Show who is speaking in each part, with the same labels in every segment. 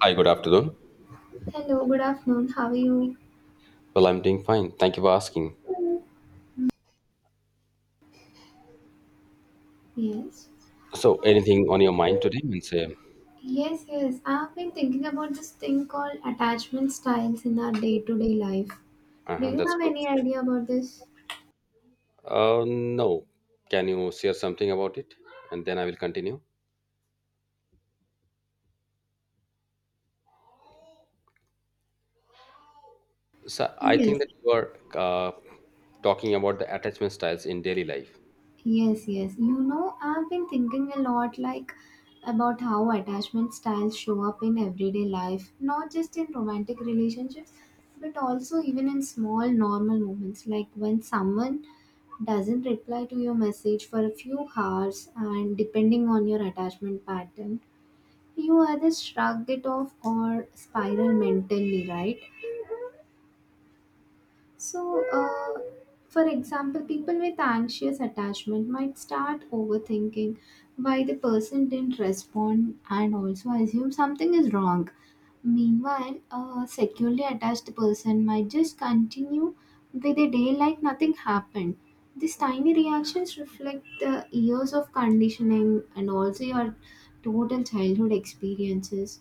Speaker 1: Hi, good afternoon.
Speaker 2: Hello, good afternoon. How are you?
Speaker 1: Well, I'm doing fine. Thank you for asking.
Speaker 2: Yes.
Speaker 1: So, anything on your mind today? Means,
Speaker 2: Yes. I've been thinking about this thing called attachment styles in our day to day life. Do
Speaker 1: uh-huh,
Speaker 2: you
Speaker 1: that's
Speaker 2: have
Speaker 1: good.
Speaker 2: any idea about this?
Speaker 1: No. Can you share something about it? And then I will continue. So, I
Speaker 2: Yes.
Speaker 1: think that you are uh, talking about the attachment styles in daily life.
Speaker 2: Yes. You know, I've been thinking a lot like about how attachment styles show up in everyday life, not just in romantic relationships, but also even in small normal moments like when someone doesn't reply to your message for a few hours and, depending on your attachment pattern, you either shrug it off or spiral mentally, right? So, for example, people with anxious attachment might start overthinking why the person didn't respond and also assume something is wrong. Meanwhile, a securely attached person might just continue with a day like nothing happened. These tiny reactions reflect the years of conditioning and also your total childhood experiences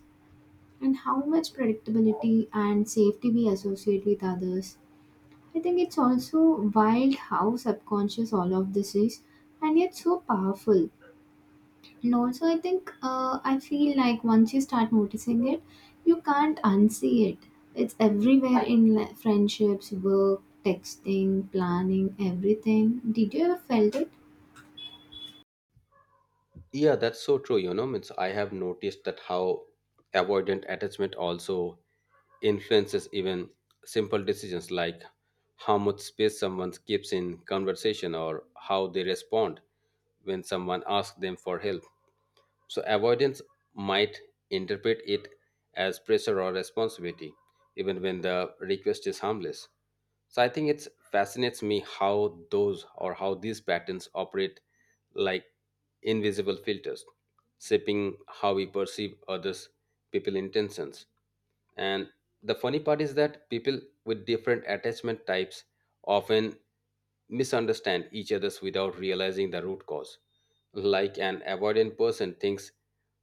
Speaker 2: and how much predictability and safety we associate with others. I think it's also wild how subconscious all of this is, and yet so powerful. And also, I feel like once you start noticing it, you can't unsee it. It's everywhere in friendships, work, texting, planning, everything. Did you ever felt it?
Speaker 1: Yeah, that's so true. Means I have noticed that how avoidant attachment also influences even simple decisions like how much space someone keeps in conversation or how they respond when someone asks them for help. So, avoidance might interpret it as pressure or responsibility, even when the request is harmless. So I think it's fascinates me how those or how these patterns operate like invisible filters, shaping how we perceive others, people intentions. And the funny part is that people with different attachment types often misunderstand each other's without realizing the root cause. Like an avoidant person thinks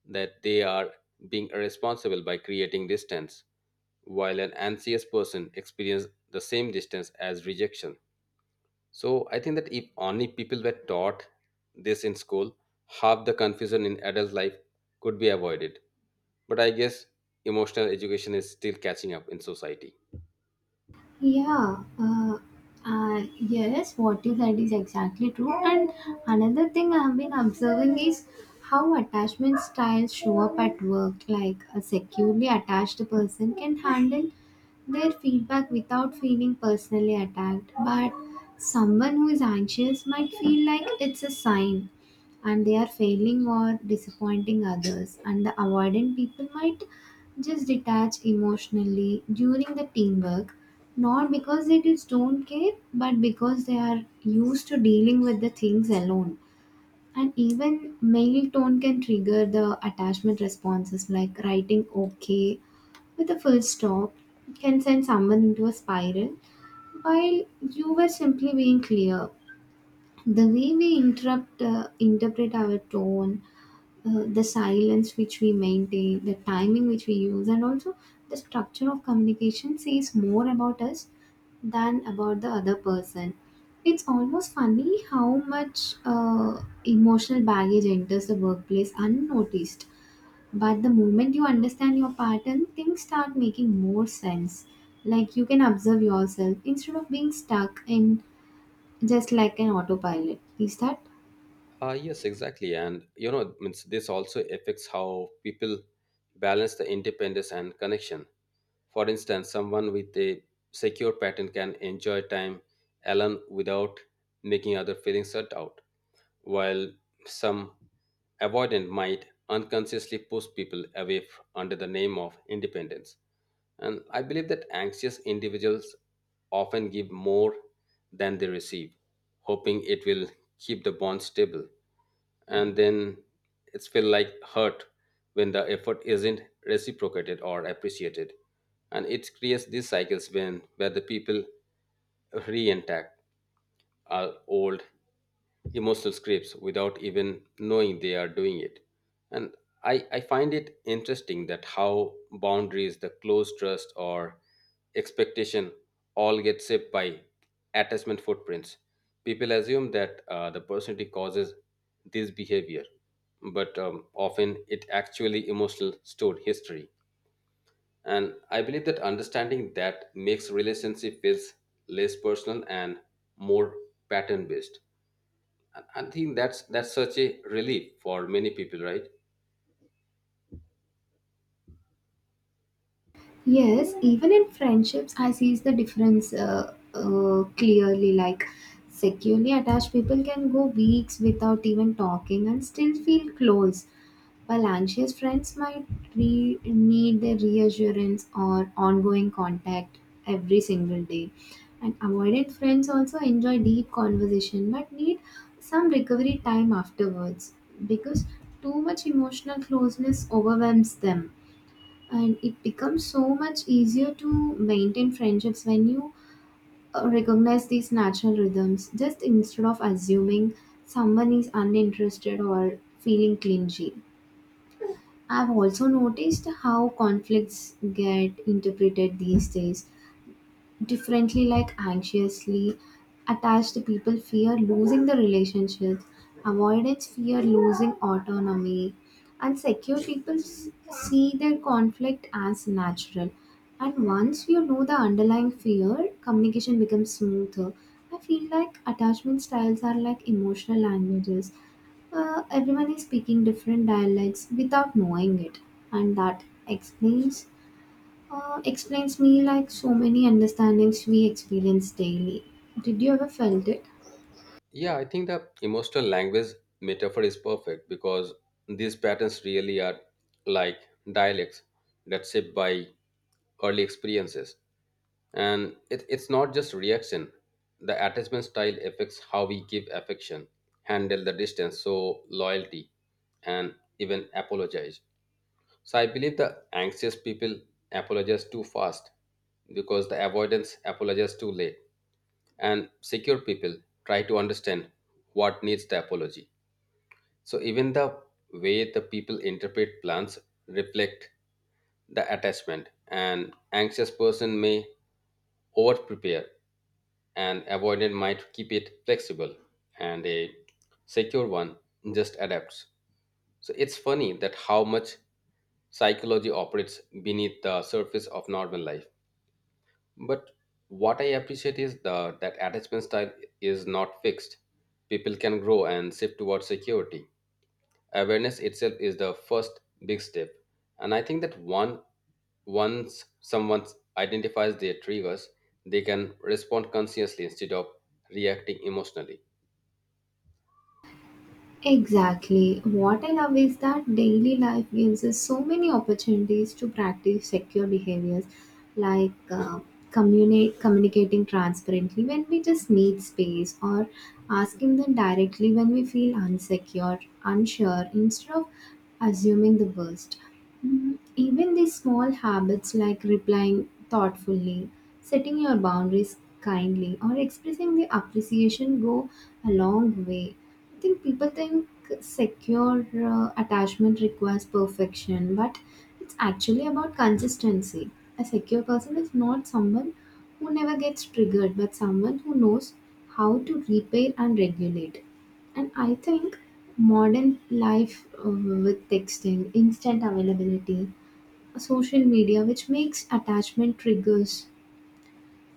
Speaker 1: that they are being irresponsible by creating distance, while an anxious person experiences the same distance as rejection. So I think that if only people were taught this in school, half the confusion in adult life could be avoided. But I guess emotional education is still catching up in society.
Speaker 2: Yeah, yes, what you said is exactly true. And another thing I have been observing is how attachment styles show up at work. Like, a securely attached person can handle their feedback without feeling personally attacked, but someone who is anxious might feel like it's a sign and they are failing or disappointing others, and the avoidant people might just detach emotionally during the teamwork, not because they just don't care but because they are used to dealing with the things alone. And even male tone can trigger the attachment responses, like writing okay with a full stop can send someone into a spiral, while you were simply being clear. The way we interrupt interpret our tone, the silence which we maintain, the timing which we use, and also the structure of communication says more about us than about the other person. It's almost funny how much emotional baggage enters the workplace unnoticed. But the moment you understand your pattern, things start making more sense. Like, you can observe yourself instead of being stuck in just like an autopilot. Is that?
Speaker 1: Yes, exactly. And means this also affects how people balance the independence and connection. For instance, someone with a secure patent can enjoy time alone without making other feeling shut out, while some avoidant might unconsciously push people away under the name of independence. And I believe that anxious individuals often give more than they receive, hoping it will keep the bond stable, and then it's feel like hurt when the effort isn't reciprocated or appreciated, and it creates these cycles when where the people reintact our old emotional scripts without even knowing they are doing it. And I find it interesting that how boundaries, the close trust or expectation all get shaped by attachment footprints. People assume that the personality causes this behavior, but often it actually emotional stored history. And I believe that understanding that makes relationship feels less personal and more pattern based. And I think that's such a relief for many people, right?
Speaker 2: Yes, even in friendships, I see the difference clearly. Like, securely attached people can go weeks without even talking and still feel close, while anxious friends might need the reassurance or ongoing contact every single day. And avoidant friends also enjoy deep conversation but need some recovery time afterwards, because too much emotional closeness overwhelms them. And it becomes so much easier to maintain friendships when you recognize these natural rhythms, just instead of assuming someone is uninterested or feeling clingy. I've also noticed how conflicts get interpreted these days differently. Like, anxiously attached people fear losing the relationships, avoidance fear losing autonomy, and secure people see their conflict as natural. And once you know the underlying fear, communication becomes smoother. I feel like attachment styles are like emotional languages. Everyone is speaking different dialects without knowing it, and that explains me like so many understandings we experience daily. Did you ever felt it?
Speaker 1: Yeah, I think the emotional language metaphor is perfect because these patterns really are like dialects that shaped by early experiences. And it's not just reaction. The attachment style affects how we give affection, handle the distance, so loyalty, and even apologize. So I believe the anxious people apologize too fast because the avoidance apologizes too late and secure people try to understand what needs the apology. So even the way the people interpret plans reflect the attachment. An anxious person may over prepare and avoidant might keep it flexible and a secure one just adapts. So it's funny that how much psychology operates beneath the surface of normal life. But what I appreciate is that attachment style is not fixed. People can grow and shift towards security. Awareness itself is the first big step. And I think that once someone identifies their triggers, they can respond consciously instead of reacting emotionally.
Speaker 2: Exactly. What I love is that daily life gives us so many opportunities to practice secure behaviors, like communicating transparently when we just need space, or asking them directly when we feel unsure, instead of assuming the worst. Mm. Even these small habits, like replying thoughtfully, setting your boundaries kindly, or expressing the appreciation, go a long way. I think people think secure attachment requires perfection, but it's actually about consistency. A secure person is not someone who never gets triggered, but someone who knows how to repair and regulate. And I think modern life with texting, instant availability, social media, which makes attachment triggers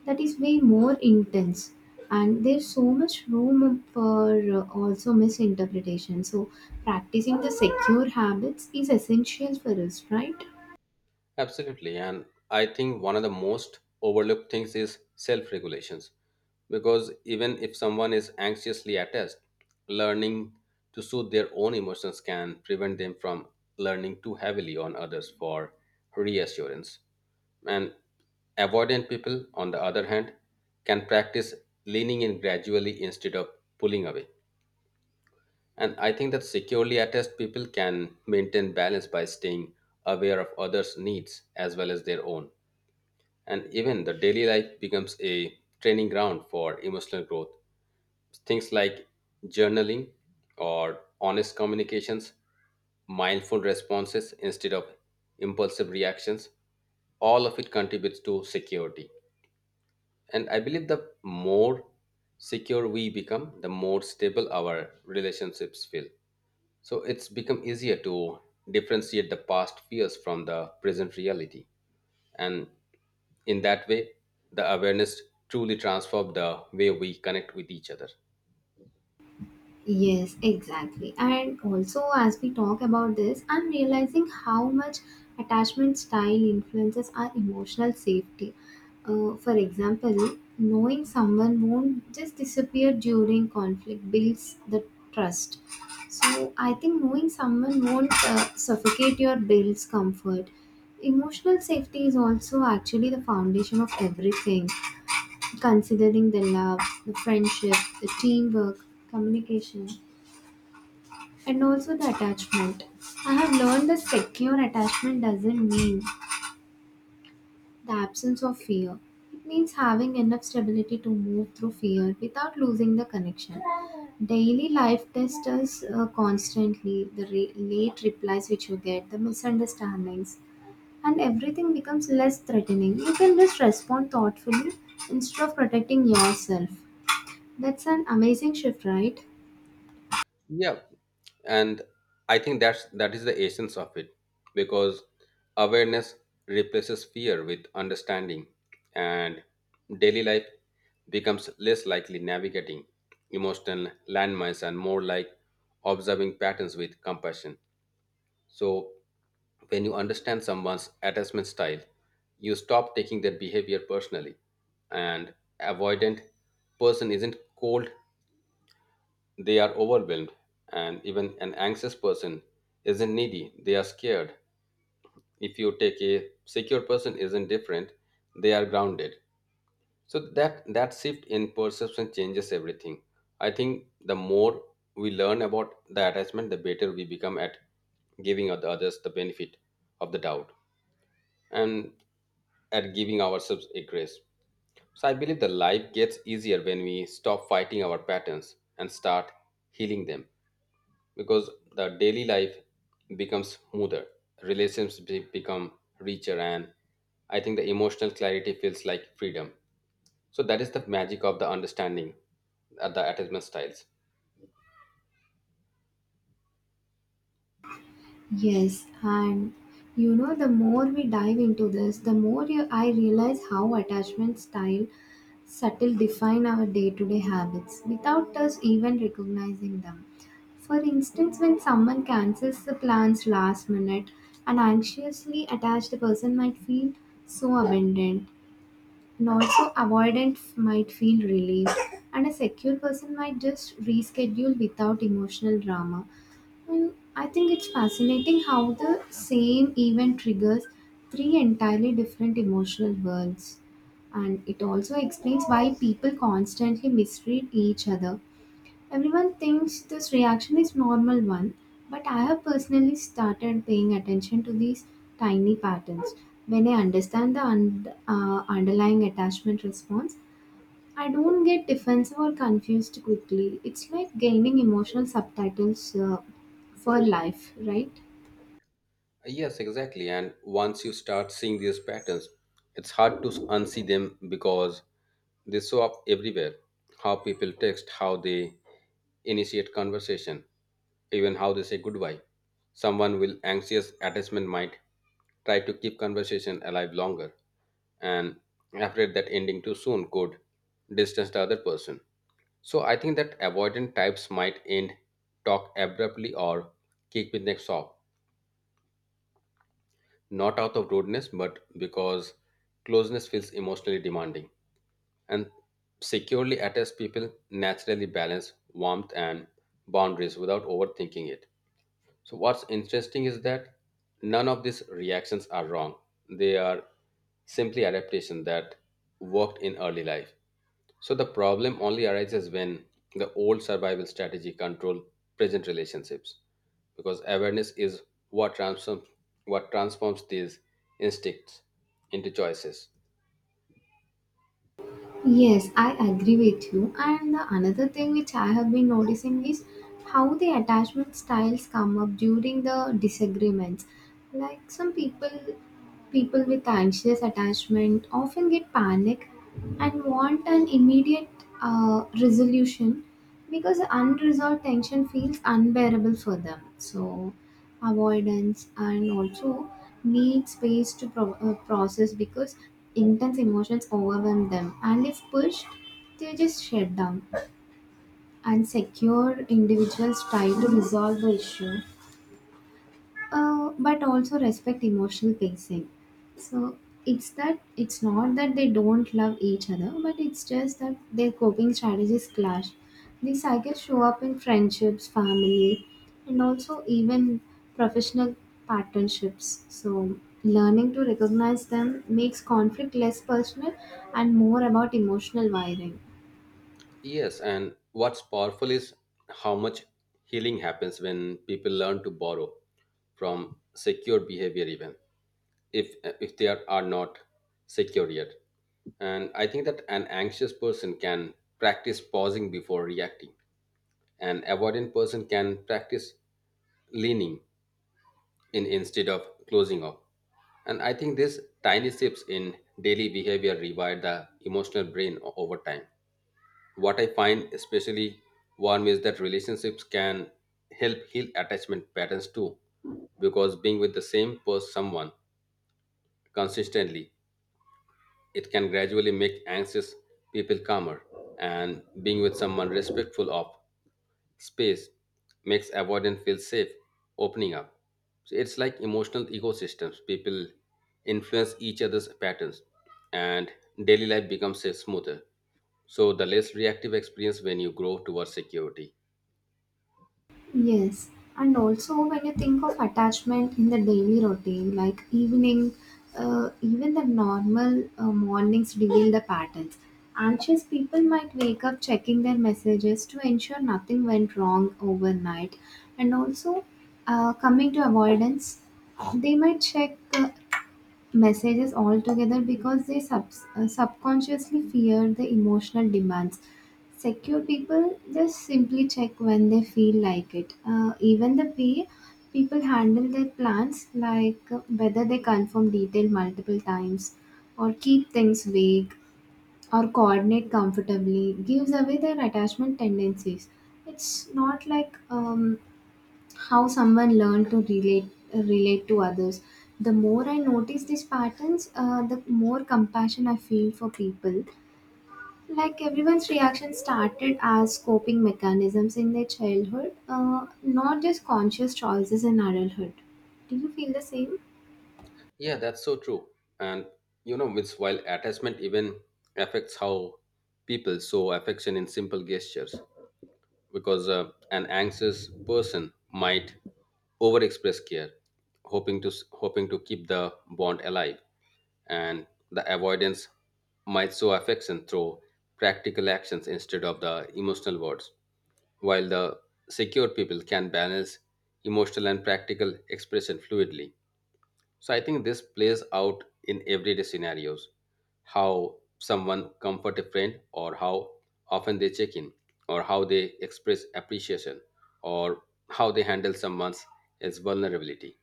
Speaker 2: that is way more intense, and there's so much room for also misinterpretation, so practicing the secure habits is essential for us, right?
Speaker 1: Absolutely. And I think one of the most overlooked things is self regulations. Because even if someone is anxiously attached, learning to soothe their own emotions can prevent them from learning too heavily on others for reassurance. And avoidant people, on the other hand, can practice leaning in gradually instead of pulling away. And I think that securely attached people can maintain balance by staying aware of others' needs as well as their own. And even the daily life becomes a training ground for emotional growth. Things like journaling or honest communications, mindful responses instead of impulsive reactions, all of it contributes to security. And I believe the more secure we become, the more stable our relationships feel. So it's become easier to differentiate the past fears from the present reality. And in that way, the awareness truly transformed the way we connect with each other.
Speaker 2: Yes, exactly. And also, as we talk about this, I'm realizing how much attachment style influences our emotional safety. For example, knowing someone won't just disappear during conflict builds the trust. So I think knowing someone won't suffocate your builds comfort. Emotional safety is also actually the foundation of everything, considering the love, the friendship, the teamwork, communication. And also the attachment. I have learned that secure attachment doesn't mean the absence of fear. It means having enough stability to move through fear without losing the connection. Daily life tests us constantly, the late replies which you get, the misunderstandings, and everything becomes less threatening. You can just respond thoughtfully instead of protecting yourself. That's an amazing shift, right?
Speaker 1: Yeah. And I think that is the essence of it because awareness replaces fear with understanding and daily life becomes less likely navigating emotional landmines and more like observing patterns with compassion. So when you understand someone's attachment style, you stop taking their behavior personally. And avoidant person isn't cold, they are overwhelmed. And even an anxious person isn't needy, they are scared. If you take a secure person isn't different, they are grounded. So that shift in perception changes everything. I think the more we learn about the attachment, the better we become at giving the others the benefit of the doubt. And at giving ourselves a grace. So I believe the life gets easier when we stop fighting our patterns and start healing them because the daily life becomes smoother, relationships become richer, and I think the emotional clarity feels like freedom. So that is the magic of the understanding at the attachment styles.
Speaker 2: Yes, and you know, the more we dive into this, the I realize how attachment style subtle define our day-to-day habits without us even recognizing them. For instance, when someone cancels the plans last minute, an anxiously attached person might feel so abandoned, and also avoidance might feel relieved, and a secure person might just reschedule without emotional drama. And I think it's fascinating how the same event triggers three entirely different emotional worlds. And it also explains why people constantly mistreat each other. Everyone thinks this reaction is normal one, but I have personally started paying attention to these tiny patterns. When I understand the underlying attachment response, I don't get defensive or confused quickly. It's like gaining emotional subtitles for life, right?
Speaker 1: Yes, exactly. And once you start seeing these patterns, it's hard to unsee them because they show up everywhere. How people text, how they initiate conversation, even how they say goodbye. Someone with anxious attachment might try to keep conversation alive longer and afraid that ending too soon could distance the other person. So I think that avoidant types might end talk abruptly or kick with next off not out of rudeness, but because closeness feels emotionally demanding. And securely attached people naturally balance warmth and boundaries without overthinking it. So, what's interesting is that none of these reactions are wrong, they are simply adaptation that worked in early life. So the problem only arises when the old survival strategy control present relationships because awareness is what transforms what transforms these instincts into choices.
Speaker 2: Yes, I agree with you. And the another thing which I have been noticing is how the attachment styles come up during the disagreements. Like, some people people with anxious attachment often get panic and want an immediate resolution because unresolved tension feels unbearable for them. So avoidance and also need space to process because intense emotions overwhelm them, and if pushed they just shut down. And secure individuals try to resolve the issue, but also respect emotional pacing. So it's that it's not that they don't love each other, but it's just that their coping strategies clash. These cycles show up in friendships, family, and also even professional partnerships. So learning to recognize them makes conflict less personal and more about emotional wiring.
Speaker 1: Yes, and what's powerful is how much healing happens when people learn to borrow from secure behavior even if if they are not secure yet. And I think that an anxious person can practice pausing before reacting. An avoidant person can practice leaning in instead of closing off. And I think these tiny shifts in daily behavior rewire the emotional brain over time. What I find especially warm is that relationships can help heal attachment patterns too, because being with the same person, someone consistently, it can gradually make anxious people calmer, and being with someone respectful of space makes avoidance feel safe, opening up. So it's like emotional ecosystems. People influence each other's patterns, and daily life becomes a smoother. So the less reactive experience when you grow towards security.
Speaker 2: Yes, and also when you think of attachment in the daily routine, like evening, even the normal mornings reveal the patterns. Anxious people might wake up checking their messages to ensure nothing went wrong overnight, and also coming to avoidance, they might check messages altogether because they subconsciously fear the emotional demands. Secure people just simply check when they feel like it. Even the pay, people handle their plans like whether they confirm detail multiple times or keep things vague or coordinate comfortably gives away their attachment tendencies. It's not like how someone learned to relate to others. The more I notice these patterns, the more compassion I feel for people. Like, everyone's reaction started as coping mechanisms in their childhood, uh, not just conscious choices in adulthood. Do you feel the same?
Speaker 1: Yeah, that's so true. And it's while attachment even affects how people show affection in simple gestures. Because an anxious person might overexpress care, hoping to keep the bond alive, and the avoidance might show affection through practical actions instead of the emotional words, while the secure people can balance emotional and practical expression fluidly. So I think this plays out in everyday scenarios, how someone comfort a friend or how often they check in or how they express appreciation or how they handle someone's else vulnerability.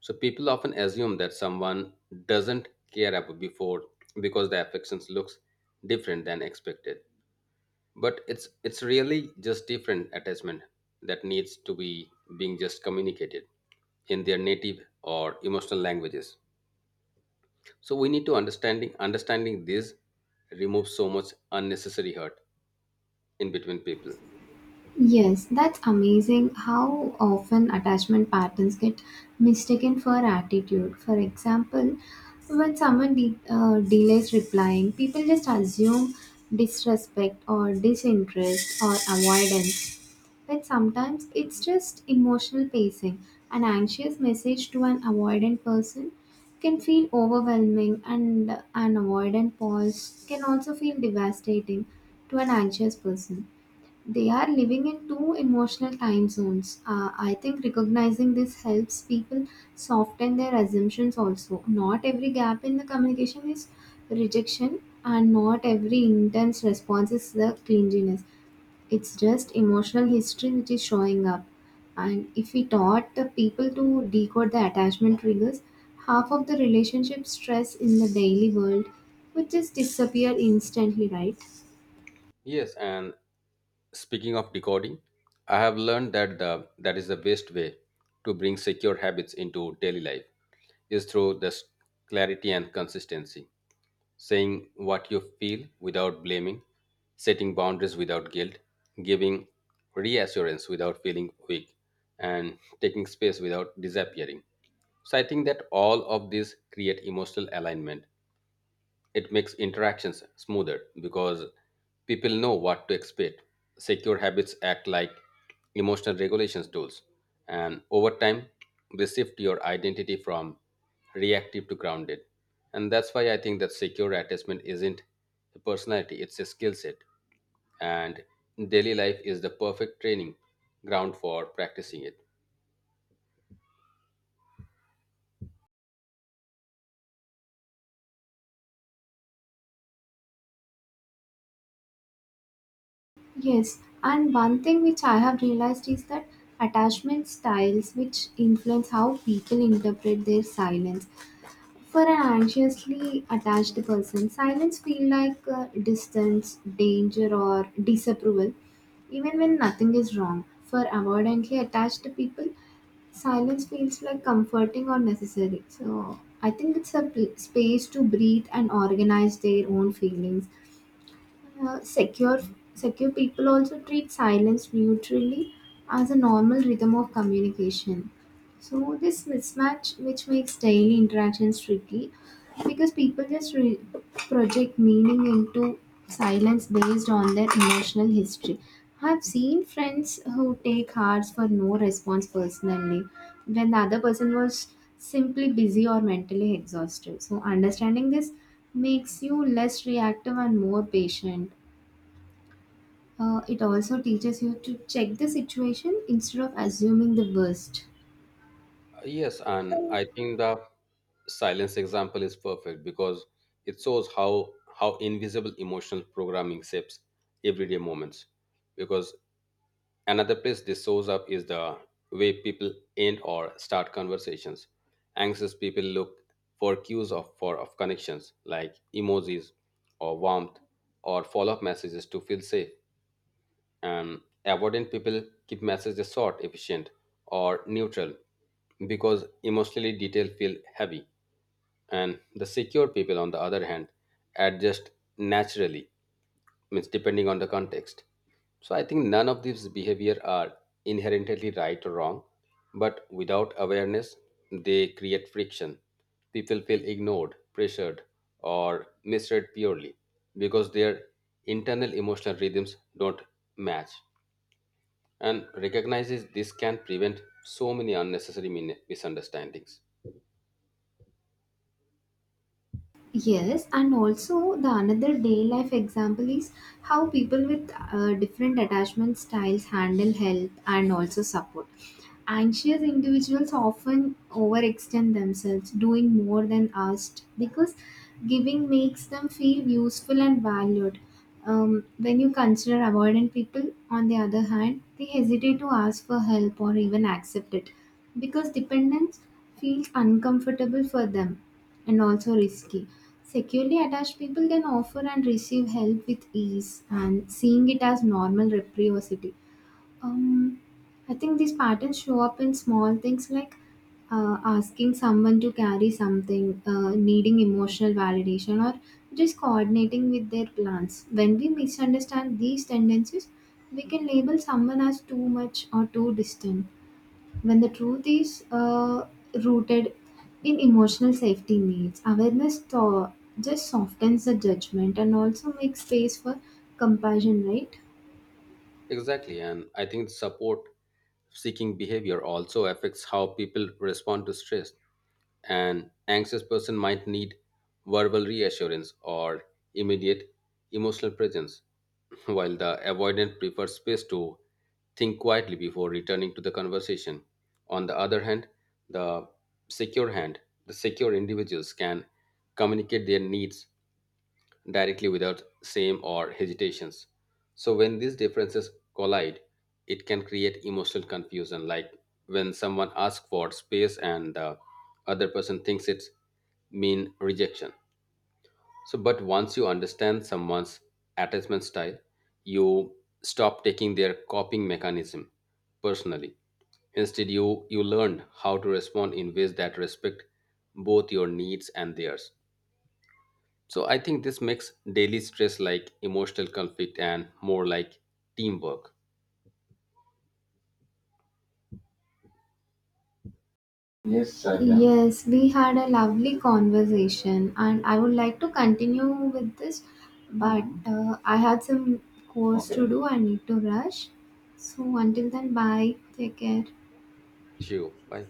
Speaker 1: So people often assume that someone doesn't care about before because the affections looks different than expected. But it's really just different attachment that needs to be being just communicated in their native or emotional languages. So we need to understanding this removes so much unnecessary hurt in between people.
Speaker 2: Yes, that's amazing how often attachment patterns get mistaken for attitude. For example, when someone delays replying, people just assume disrespect or disinterest or avoidance. But sometimes it's just emotional pacing. An anxious message to an avoidant person can feel overwhelming, and an avoidant pause can also feel devastating to an anxious person. They are living in two emotional time zones. I think recognizing this helps people soften their assumptions also. Not every gap in the communication is rejection, and not every intense response is the clinginess. It's just emotional history which is showing up. And if we taught the people to decode the attachment triggers, half of the relationship stress in the daily world would just disappear instantly, right?
Speaker 1: Yes, and speaking of decoding, I have learned that that is the best way to bring secure habits into daily life is through this clarity and consistency. Saying what you feel without blaming, setting boundaries without guilt, giving reassurance without feeling weak, and taking space without disappearing. So I think that all of these create emotional alignment. It makes interactions smoother because people know what to expect. Secure habits act like emotional regulations tools, and over time, they shift your identity from reactive to grounded. And that's why I think that secure attachment isn't a personality, it's a skill set. And daily life is the perfect training ground for practicing it.
Speaker 2: Yes, and one thing which I have realized is that attachment styles which influence how people interpret their silence. For an anxiously attached person, silence feel like distance, danger or disapproval even when nothing is wrong. For avoidantly attached people, silence feels like comforting or necessary. So I think it's a space to breathe and organize their own feelings uh, secure, Secure people also treat silence neutrally as a normal rhythm of communication. So this mismatch, which makes daily interactions tricky, because people just project meaning into silence based on their emotional history. I've seen friends who take hearts for no response personally when the other person was simply busy or mentally exhausted. So understanding this makes you less reactive and more patient. It also teaches you to check the situation instead of assuming the worst.
Speaker 1: Yes, and I think the silence example is perfect because it shows how invisible emotional programming shapes everyday moments. Because another place this shows up is the way people end or start conversations. Anxious people look for cues of connections like emojis or warmth or follow-up messages to feel safe, and avoidant people keep messages short efficient or neutral because emotionally detailed feel heavy, and the secure people on the other hand adjust naturally means depending on the context. So I think none of these behavior are inherently right or wrong, but without awareness they create friction. People feel ignored pressured or misread purely because their internal emotional rhythms don't match, and recognizes this can prevent so many unnecessary misunderstandings.
Speaker 2: Yes, and also the another day life example is how people with different attachment styles handle health and also support. Anxious individuals often overextend themselves, doing more than asked, because giving makes them feel useful and valued. When you consider avoidant people, on the other hand, they hesitate to ask for help or even accept it because dependence feels uncomfortable for them and also risky. Securely attached people can offer and receive help with ease and seeing it as normal reciprocity. um, I think these patterns show up in small things like asking someone to carry something, needing emotional validation, or just coordinating with their plans. When we misunderstand these tendencies, we can label someone as too much or too distant. When the truth is rooted in emotional safety needs, awareness just softens the judgment and also makes space for compassion, right?
Speaker 1: Exactly, and I think support seeking behavior also affects how people respond to stress. An anxious person might need verbal reassurance or immediate emotional presence, while the avoidant prefers space to think quietly before returning to the conversation. On the other hand, the secure hand, the secure individuals can communicate their needs directly without shame or hesitations. So when these differences collide, it can create emotional confusion, like when someone asks for space and the other person thinks it's mean rejection. So, but once you understand someone's attachment style, you stop taking their coping mechanism personally. Instead, you learn how to respond in ways that respect both your needs and theirs. So I think this makes daily stress like emotional conflict and more like teamwork.
Speaker 2: Yes, Sailam. Yes, we had a lovely conversation, and I would like to continue with this, but Mhm. I had some course. Okay. To do, I need to rush. So, until then, bye, take care.
Speaker 1: See you. Bye.